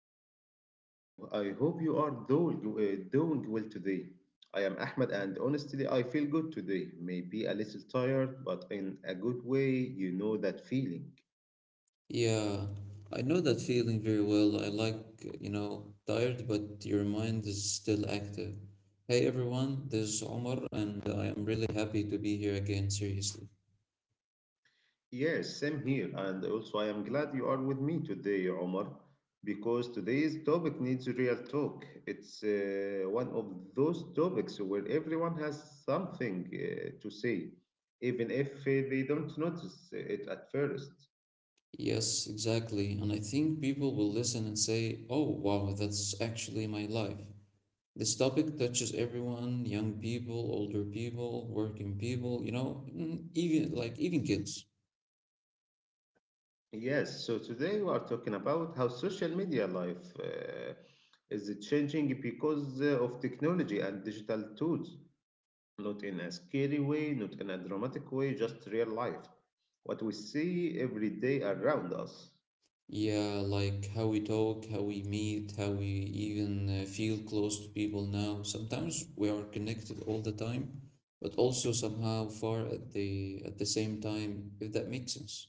to the podcast. I hope you are doing well today. I am Ahmed and honestly I feel good today. Maybe a little tired, but in a good way, you know that feeling. Yeah, I know that feeling very well. I like, you know, tired, but your mind is still active. Hey everyone, this is Omar, and I am really happy to be here again, seriously. Yes, same here, and also I am glad you are with me today, Omar, because today's topic needs real talk. It's one of those topics where everyone has something to say, even if they don't notice it at first. Yes, exactly. And I think people will listen and say, oh, wow, that's actually my life. This topic touches everyone, young people, older people, working people, you know, even even kids. Yes, so today we are talking about how social media life is changing because of technology and digital tools, not in a scary way, not in a dramatic way, just real life. What we see every day around us. Yeah, like how we talk, how we meet, how we even feel close to people now. Sometimes we are connected all the time, but also somehow far at the same time, if that makes sense.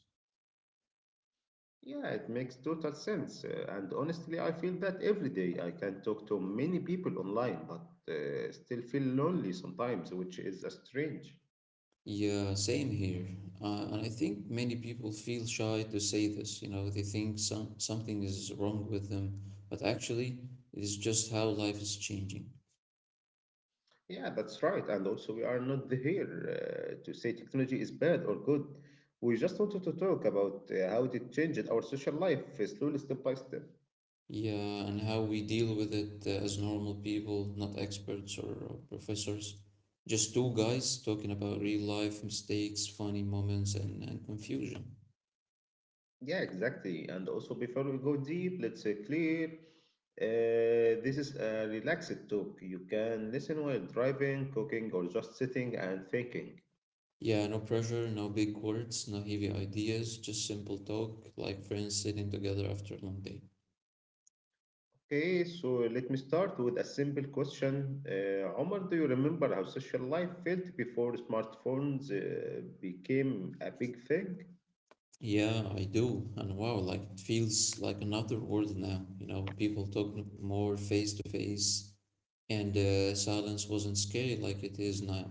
Yeah, it makes total sense. And honestly, I feel that every day I can talk to many people online, but still feel lonely sometimes, which is strange. Yeah, same here. And I think many people feel shy to say this, you know, they think something is wrong with them, but actually it is just how life is changing. Yeah, that's right. And also, we are not here to say technology is bad or good. We just wanted to talk about how it changed our social life slowly, step by step. Yeah, and how we deal with it as normal people, not experts or professors. Just two guys talking about real life mistakes, funny moments, and confusion. Yeah, exactly. And also, before we go deep, let's clear. This is a relaxed talk. You can listen while driving, cooking, or just sitting and thinking. Yeah, no pressure, no big words, no heavy ideas, just simple talk, like friends sitting together after a long day. Okay, so let me start with a simple question. Omar, do you remember how social life felt before smartphones became a big thing? Yeah, I do. And wow, like it feels like another world now. You know, people talk more face to face, and silence wasn't scary like it is now.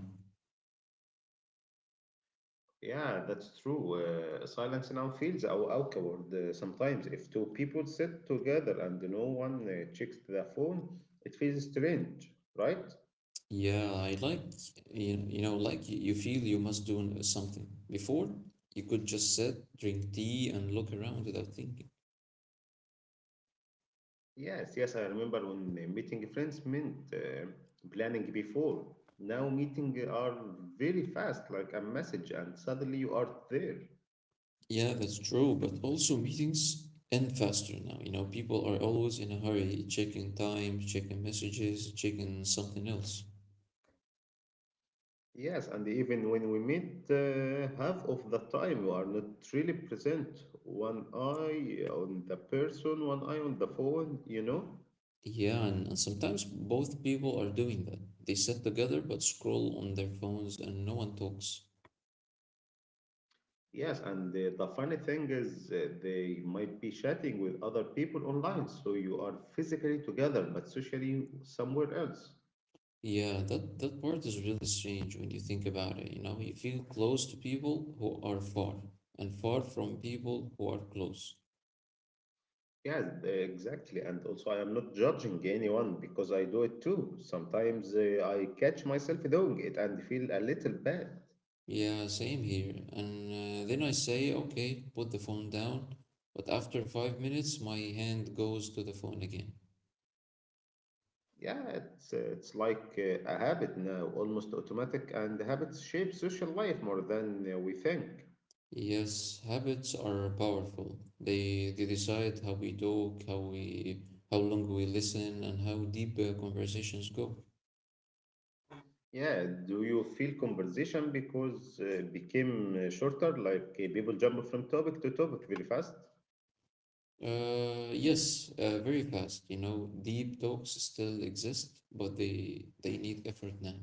Yeah, that's true. Silence now feels awkward sometimes. If two people sit together and no one checks the phone, it feels strange, right? Yeah, I like you know like you feel you must do something. Before, you could just sit, drink tea, and look around without thinking. Yes, I remember when meeting friends meant planning before. Now meeting are very fast, like a message, and suddenly you are there. Yeah, that's true, but also meetings end faster now. You know, people are always in a hurry, checking time, checking messages, checking something else. Yes, and even when we meet, half of the time we are not really present. One eye on the person, one eye on the phone, you know? Yeah, and sometimes both people are doing that. They sit together but scroll on their phones and no one talks. Yes, and the funny thing is, they might be chatting with other people online, so you are physically together but socially somewhere else. Yeah, that part is really strange when you think about it. You know, you feel close to people who are far and far from people who are close. Exactly. And also, I am not judging anyone because I do it too. Sometimes I catch myself doing it and feel a little bad. Yeah, same here. And then I say, okay, put the phone down. But after 5 minutes, my hand goes to the phone again. Yeah, it's like a habit now, almost automatic, and habits shape social life more than we think. Yes, habits are powerful. They decide how we talk, how long we listen, and how deep conversations go. Yeah, do you feel conversation because became shorter, like people jump from topic to topic very fast? Yes, Very fast. You know, deep talks still exist, but they need effort now.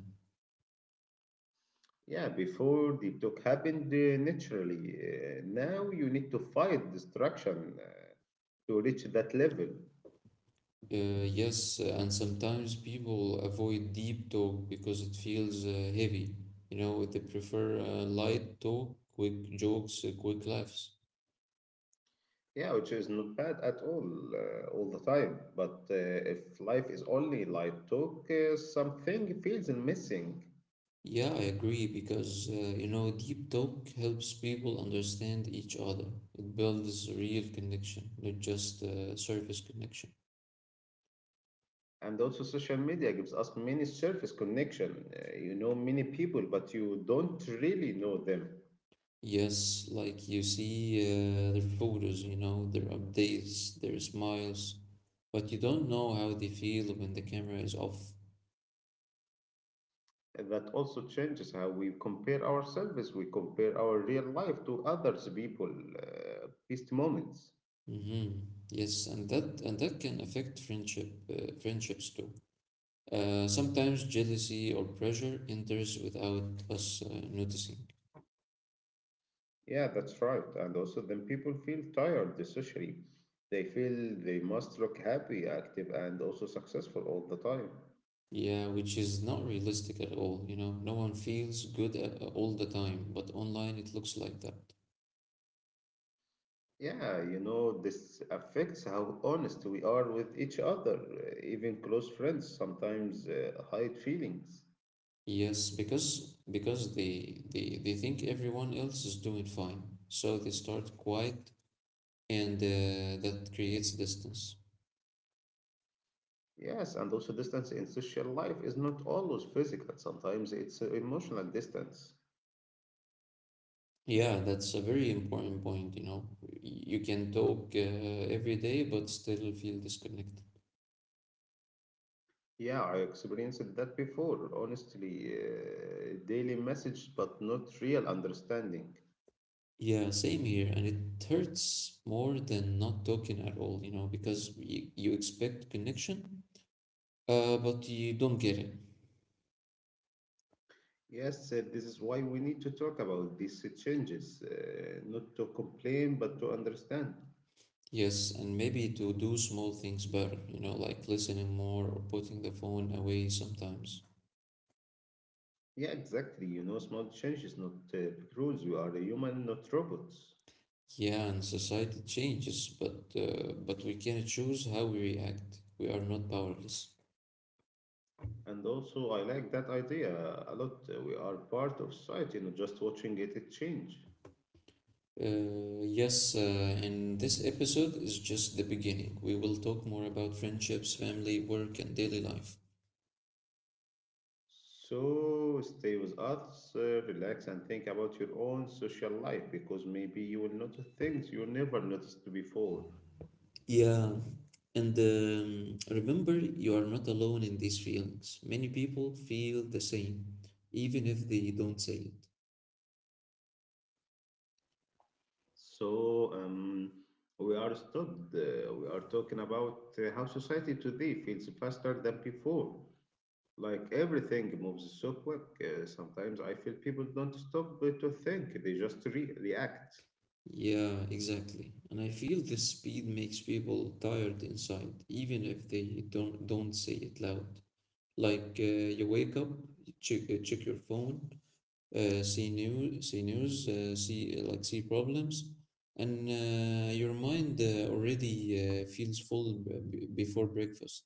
Yeah, before the talk happened naturally. Now you need to fight distraction to reach that level. Yes, and sometimes people avoid deep talk because it feels heavy. You know, they prefer light talk, quick jokes, quick laughs. Yeah, which is not bad at all the time. But if life is only light talk, something feels missing. Yeah, I agree because you know, deep talk helps people understand each other. It builds real connection, not just surface connection. And also, social media gives us many surface connection. You know many people, but you don't really know them. Yes, like you see their photos, you know, their updates, their smiles, but you don't know how they feel when the camera is off. And that also changes how we compare ourselves. We compare our real life to others' people, best moments. Mm-hmm. Yes, and that can affect friendships too. Sometimes jealousy or pressure enters without us noticing. Yeah, that's right. And also, then people feel tired socially. They feel they must look happy, active, and also successful all the time. Yeah, which is not realistic at all, you know. No one feels good all the time, but online it looks like that. Yeah, you know, this affects how honest we are with each other. Even close friends sometimes hide feelings. Yes, because they think everyone else is doing fine, so they start quiet, and that creates distance. Yes, and also, distance in social life is not always physical, sometimes it's emotional distance. Yeah, that's a very important point, you know. You can talk every day, but still feel disconnected. Yeah, I experienced that before, honestly. Daily message, but not real understanding. Yeah, same here, and it hurts more than not talking at all, you know, because you expect connection, but you don't get it. Yes, this is why we need to talk about these changes, not to complain, but to understand. Yes, and maybe to do small things better, you know, like listening more or putting the phone away sometimes. Yeah, exactly. You know, small changes, not big rules. We are a human, not robots. Yeah, and society changes, but we can choose how we react. We are not powerless. And also, I like that idea a lot. We are part of society, not just watching it, it change. Yes, and this episode is just the beginning. We will talk more about friendships, family, work, and daily life. So stay with us, relax, and think about your own social life because maybe you will notice things you never noticed before. Yeah, and remember, you are not alone in these feelings. Many people feel the same, even if they don't say it. So we are stopped. We are talking about how society today feels faster than before. Like everything moves so quick. Sometimes I feel people don't stop to think; they just react. Yeah, exactly. And I feel this speed makes people tired inside, even if they don't say it loud. Like you wake up, you check your phone, see news, see news, see problems, and your mind already feels full before breakfast.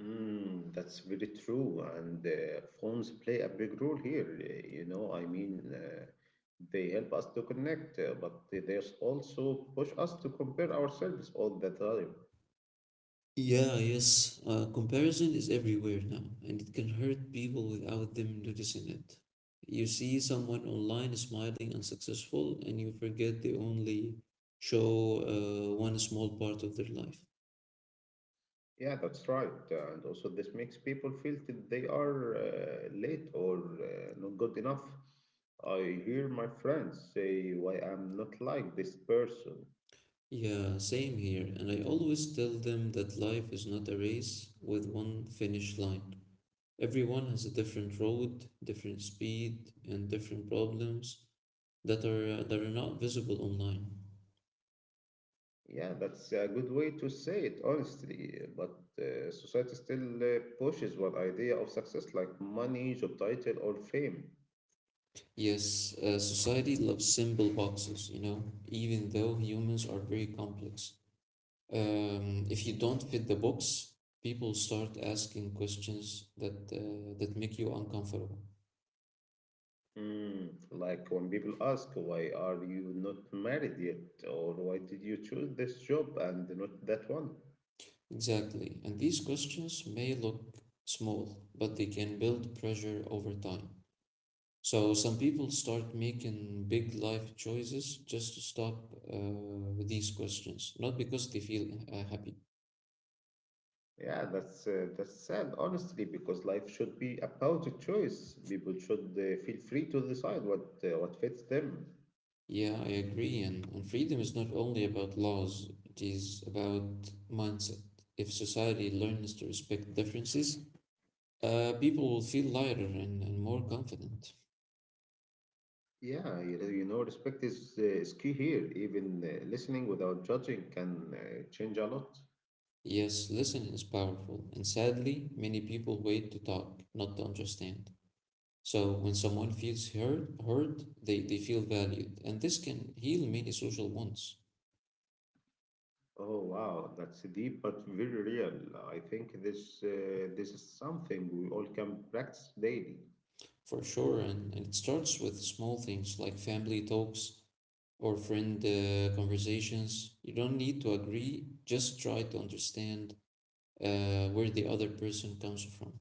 Mm, that's very true, and phones play a big role here. You know, I mean, they help us to connect, but they also push us to compare ourselves all the time. Yeah, yes. Comparison is everywhere now, and it can hurt people without them noticing it. You see someone online smiling and successful, and you forget they only show one small part of their life. Yeah, that's right. And also, this makes people feel that they are late or not good enough. I hear my friends say, "Why I'm not like this person." Yeah, same here. And I always tell them that life is not a race with one finish line. Everyone has a different road, different speed, and different problems that are not visible online. Yeah, that's a good way to say it, honestly. But society still pushes one idea of success like money, job title, or fame. Yes, society loves simple boxes, you know, even though humans are very complex. If you don't fit the box, people start asking questions that make you uncomfortable. Mm, like when people ask, "Why are you not married yet?" Or "Why did you choose this job and not that one?" Exactly. And these questions may look small, but they can build pressure over time. So some people start making big life choices just to stop these questions, not because they feel happy. Yeah, that's sad, honestly, because life should be about a choice. People should feel free to decide what fits them. Yeah, I agree. And freedom is not only about laws, it is about mindset. If society learns to respect differences, people will feel lighter and more confident. Yeah, you know, respect is key here. Even listening without judging can change a lot. Yes, listening is powerful, and sadly, many people wait to talk, not to understand. So when someone feels heard, they feel valued, and this can heal many social wounds, Oh wow, that's deep but very real. I think this this is something we all can practice daily. for sure. And it starts with small things like family talks or friend conversations. You don't need to agree, just try to understand where the other person comes from.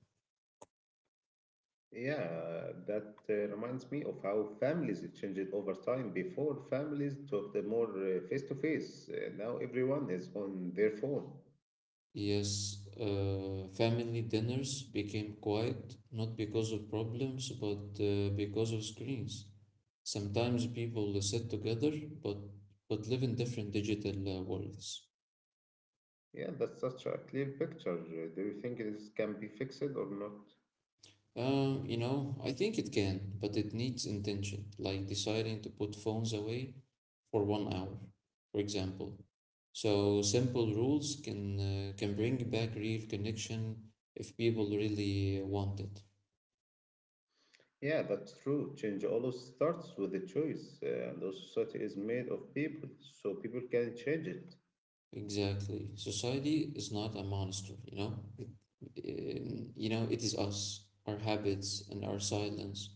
Yeah, that reminds me of how families changed over time. Before, families talked more face to face. Now everyone is on their phone. Yes, family dinners became quiet not because of problems but because of screens. Sometimes people sit together but but live in different digital worlds. Yeah, that's such a clear picture. Do you think this can be fixed or not? You know, I think it can, but it needs intention, like deciding to put phones away for 1 hour, for example. So simple rules can bring back real connection if people really want it. Yeah, that's true. Change always starts with a choice, and the society is made of people, so people can change it. Exactly. Society is not a monster, you know? You know, it is us, our habits and our silence.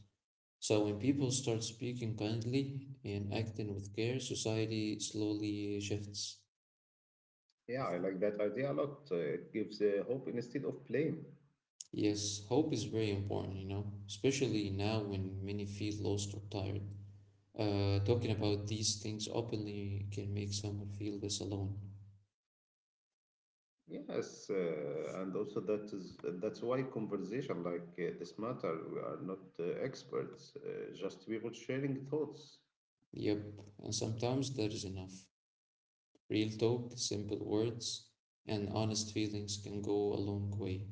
So when people start speaking kindly and acting with care, society slowly shifts. Yeah, I like that idea a lot. It gives hope instead of blame. Yes, hope is very important, you know, especially now when many feel lost or tired. Talking about these things openly can make someone feel less alone. Yes, and also that is that's why conversation like this matter we are not experts, just people sharing thoughts. Yep, and sometimes that is enough. Real talk, simple words, and honest feelings can go a long way.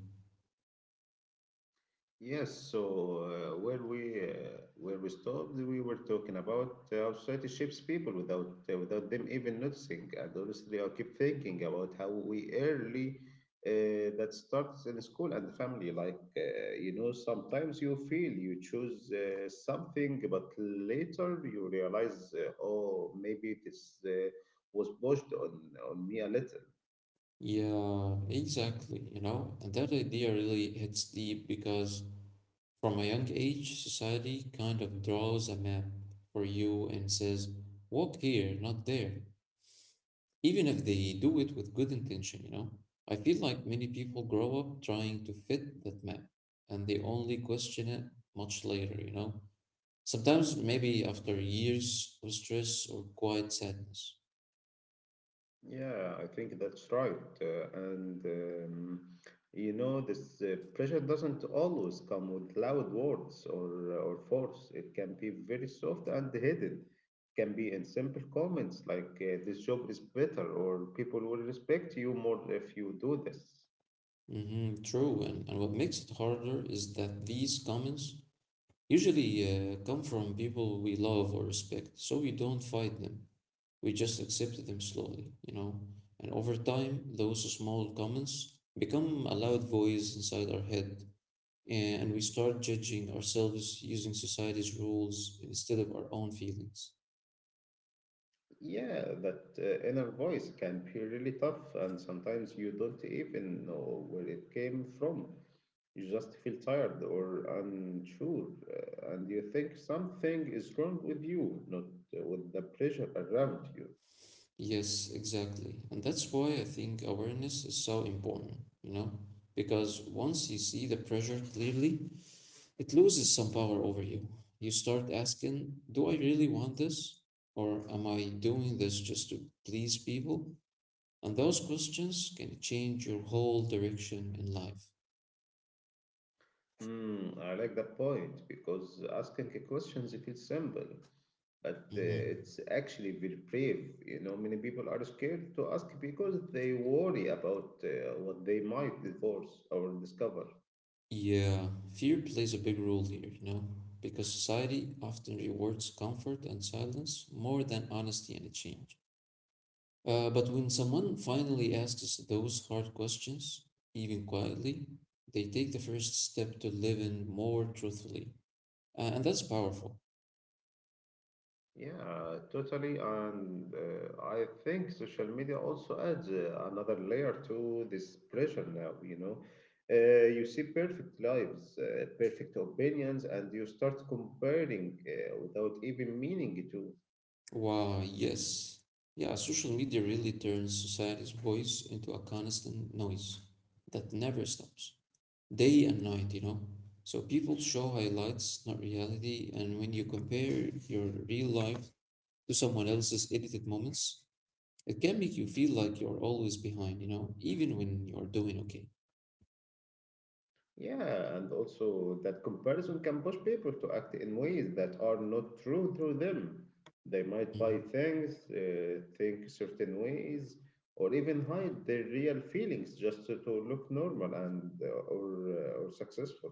Yes, so where we stopped, we were talking about how society shapes people without without them even noticing. And honestly, I keep thinking about how we early that starts in school and family. Like you know, sometimes you feel you choose something, but later you realize, oh, maybe this was pushed on me a little. Yeah, exactly, you know, and that idea really hits deep because from a young age, society kind of draws a map for you and says, walk here, not there. Even if they do it with good intention, you know. I feel like many people grow up trying to fit that map and they only question it much later, you know. Sometimes maybe after years of stress or quiet sadness. Yeah, I think that's right. And you know, this pressure doesn't always come with loud words or force. It can be very soft and hidden. Can be in simple comments like "This job is better" or "People will respect you more if you do this." Hmm, true. And what makes it harder is that these comments usually come from people we love or respect, so we don't fight them. We just accept them slowly, you know. And over time, those small comments become a loud voice inside our head and we start judging ourselves using society's rules instead of our own feelings. Yeah, that inner voice can be really tough, and sometimes you don't even know where it came from. You just feel tired or unsure, and you think something is wrong with you, not with the pressure around you. Yes, exactly. And that's why I think awareness is so important, you know? Because once you see the pressure clearly, it loses some power over you. You start asking, do I really want this? Or am I doing this just to please people? And those questions can change your whole direction in life. Hmm, I like that point because asking a questions it feels simple, but Mhm. it's actually very brave. You know, many people are scared to ask because they worry about what they might divorce or discover. Yeah, fear plays a big role here, you know, because society often rewards comfort and silence more than honesty and change. But when someone finally asks those hard questions, even quietly, they take the first step to living more truthfully. And that's powerful. Yeah, totally. And I think social media also adds another layer to this pressure now, you know. You see perfect lives, perfect opinions, and you start comparing without even meaning to. Wow, yes. Yeah, social media really turns society's voice into a constant noise that never stops, day and night, you know. So people show highlights, not reality, and when you compare your real life to someone else's edited moments, it can make you feel like you're always behind, you know, even when you're doing okay. Yeah, and also that comparison can push people to act in ways that are not true to them. They might buy Mhm. things, think certain ways, or even hide their real feelings just to look normal and or successful.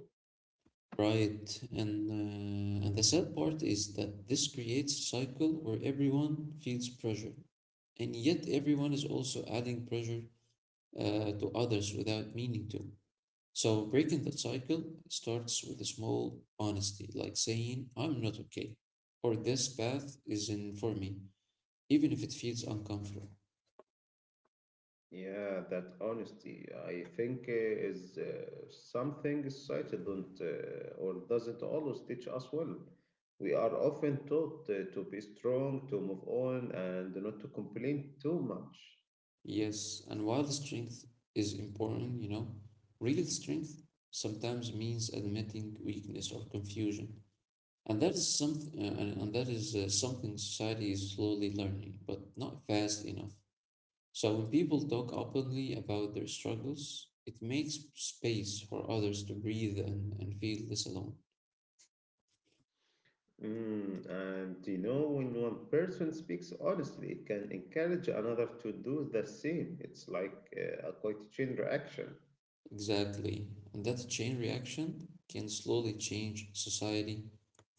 Right, and the sad part is that this creates a cycle where everyone feels pressure, and yet everyone is also adding pressure to others without meaning to. So breaking that cycle starts with a small honesty, like saying, I'm not okay, or this path isn't for me, even if it feels uncomfortable. Yeah, that honesty, I think, is something society don't or doesn't always teach us well. We are often taught to be strong, to move on, and not to complain too much. Yes, and while strength is important, you know, real strength sometimes means admitting weakness or confusion. And that is something society is slowly learning, but not fast enough. So when people talk openly about their struggles, it makes space for others to breathe and feel less alone. Mm, and you know, when one person speaks honestly, it can encourage another to do the same. It's like a quiet chain reaction. Exactly. And that chain reaction can slowly change society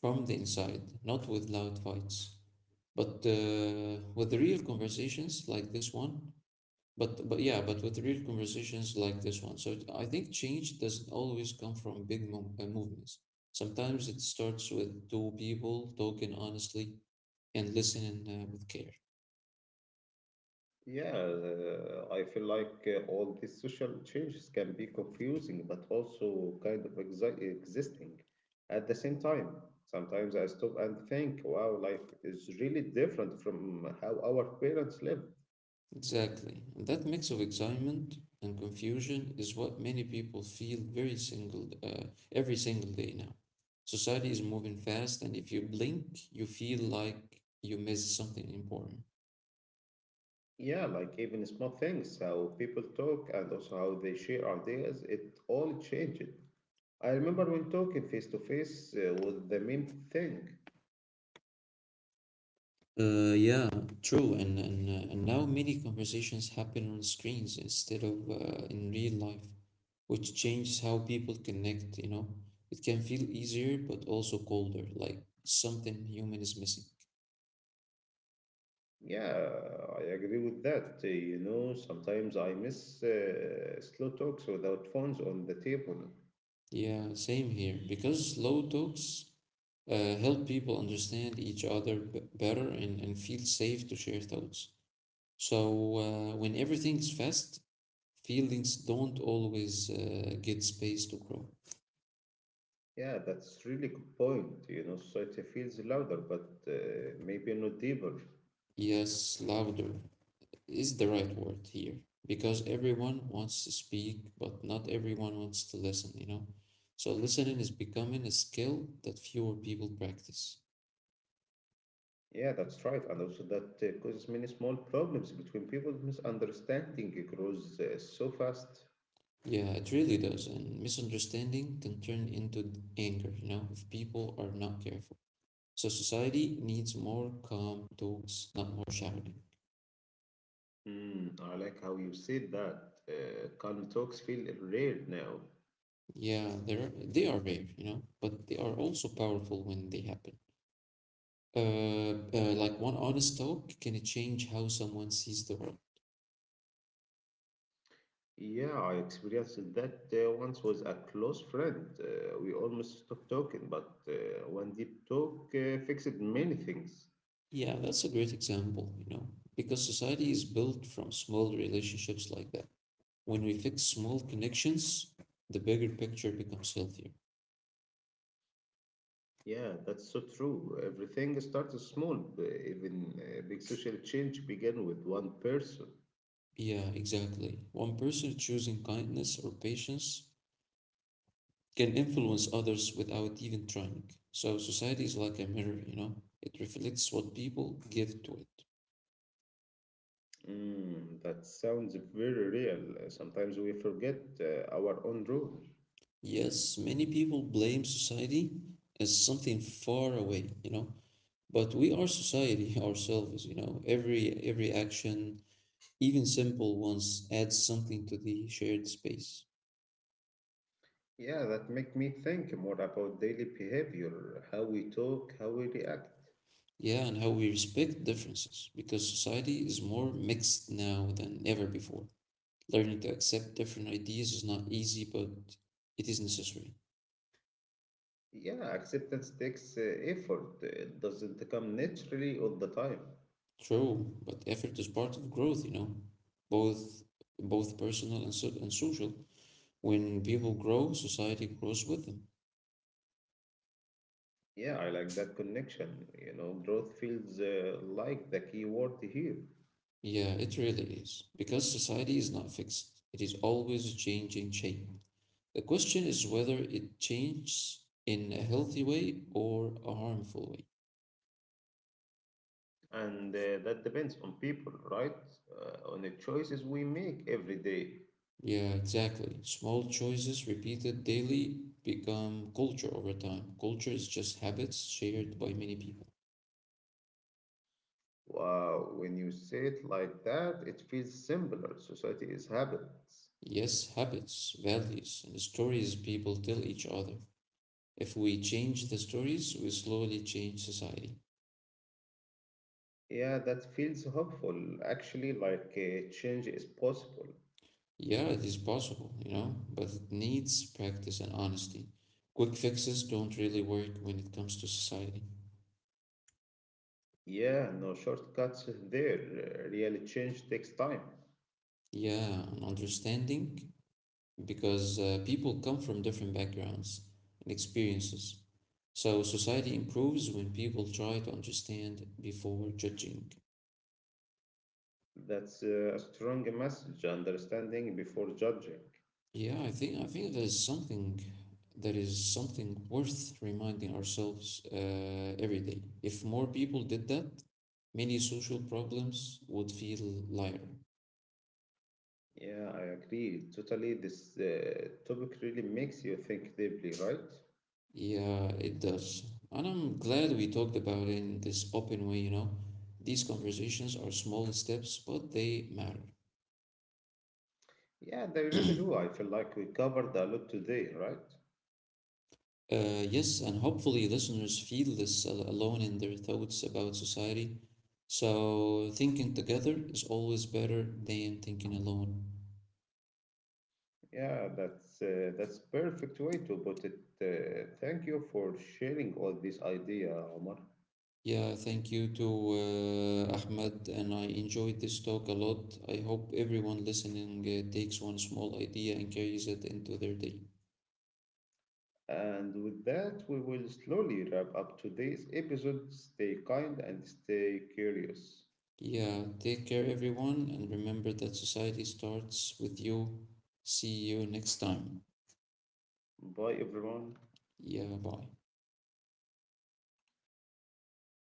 from the inside, not with loud fights, but with real conversations like this one. But yeah, but with real conversations like this one. I think change doesn't always come from movements. Sometimes it starts with two people talking honestly and listening with care. Yeah, I feel like all these social changes can be confusing, but also kind of existing. At the same time, sometimes I stop and think, wow, life is really different from how our parents lived. Exactly. And that mix of excitement and confusion is what many people feel very single every single day now. Society is moving fast, and if you blink, you feel like you missed something important. Yeah, like even small things, how people talk and also how they share ideas, it all changed. I remember when talking face to face was the main thing. Yeah, true. And now many conversations happen on screens instead of in real life, which changes how people connect, you know. It can feel easier, but also colder, like something human is missing. Yeah, I agree with that. You know, sometimes I miss slow talks without phones on the table. Yeah, same here. Because slow talks help people understand each other better and feel safe to share thoughts. So when everything's fast, feelings don't always get space to grow. Yeah, that's really good point. You know, society feels louder, but maybe not deeper. Yes, louder is the right word here because everyone wants to speak, but not everyone wants to listen, you know? So listening is becoming a skill that fewer people practice. Yeah, that's right. And also that causes many small problems between people. Misunderstanding grows so fast. Yeah, it really does. And misunderstanding can turn into anger, you know, if people are not careful. So society needs more calm talks, not more shouting. Mm, I like how you said that. Calm talks feel rare now. Yeah, they are rare, you know, but they are also powerful when they happen. Like one honest talk can change how someone sees the world. Yeah, I experienced that once with a close friend. We almost stopped talking, but one deep talk fixed many things. Yeah, that's a great example, you know, because society is built from small relationships like that. When we fix small connections, the bigger picture becomes healthier. Yeah, that's so true. Everything started small. Even big social change began with one person. Yeah, exactly. One person choosing kindness or patience can influence others without even trying. So society is like a mirror, you know? It reflects what people give to it. Mm, that sounds very real. Sometimes we forget our own role. Yes, many people blame society as something far away, you know? But we are society ourselves, you know? Every action, even simple ones, adds something to the shared space. Yeah, that make me think more about daily behavior, how we talk, how we react. Yeah, and how we respect differences because society is more mixed now than ever before. Learning to accept different ideas is not easy, but it is necessary. Yeah, acceptance takes effort. It doesn't come naturally all the time. True, but effort is part of growth, you know, both both personal and, so, and social. When people grow, society grows with them. Yeah, I like that connection. You know, growth feels like the key word here. Yeah, it really is. Because society is not fixed, it is always changing shape. The question is whether it changes in a healthy way or a harmful way. And that depends on people, right? On the choices we make every day. Yeah, exactly. Small choices repeated daily become culture over time. Culture is just habits shared by many people. Wow, when you say it like that, it feels simpler. Society is habits. Yes, habits, values, and stories people tell each other. If we change the stories, we slowly change society. Yeah, that feels hopeful. Actually, like change is possible. Yeah, it is possible, you know, but it needs practice and honesty. Quick fixes don't really work when it comes to society. Yeah, no shortcuts there. Real change takes time. Yeah, and understanding because people come from different backgrounds and experiences. So society improves when people try to understand before judging. That's a strong message, understanding before judging. Yeah, I think there is something that is something worth reminding ourselves every day. If more people did that, many social problems would feel lighter. Yeah, I agree. Totally, this topic really makes you think deeply, right? Yeah, it does. And I'm glad we talked about it in this open way, you know. These conversations are small steps, but they matter. Yeah, they really do. I feel like we covered a lot today, right? Yes, and hopefully listeners feel this alone in their thoughts about society. So thinking together is always better than thinking alone. Yeah, that's that's perfect way to put it. Thank you for sharing all this idea, Omar. Yeah, thank you to Ahmed, and I enjoyed this talk a lot. I hope everyone listening takes one small idea and carries it into their day. And with that, we will slowly wrap up today's episode. Stay kind and stay curious. Yeah, take care everyone, and remember that society starts with you. See you next time. Bye, everyone. Yeah, bye.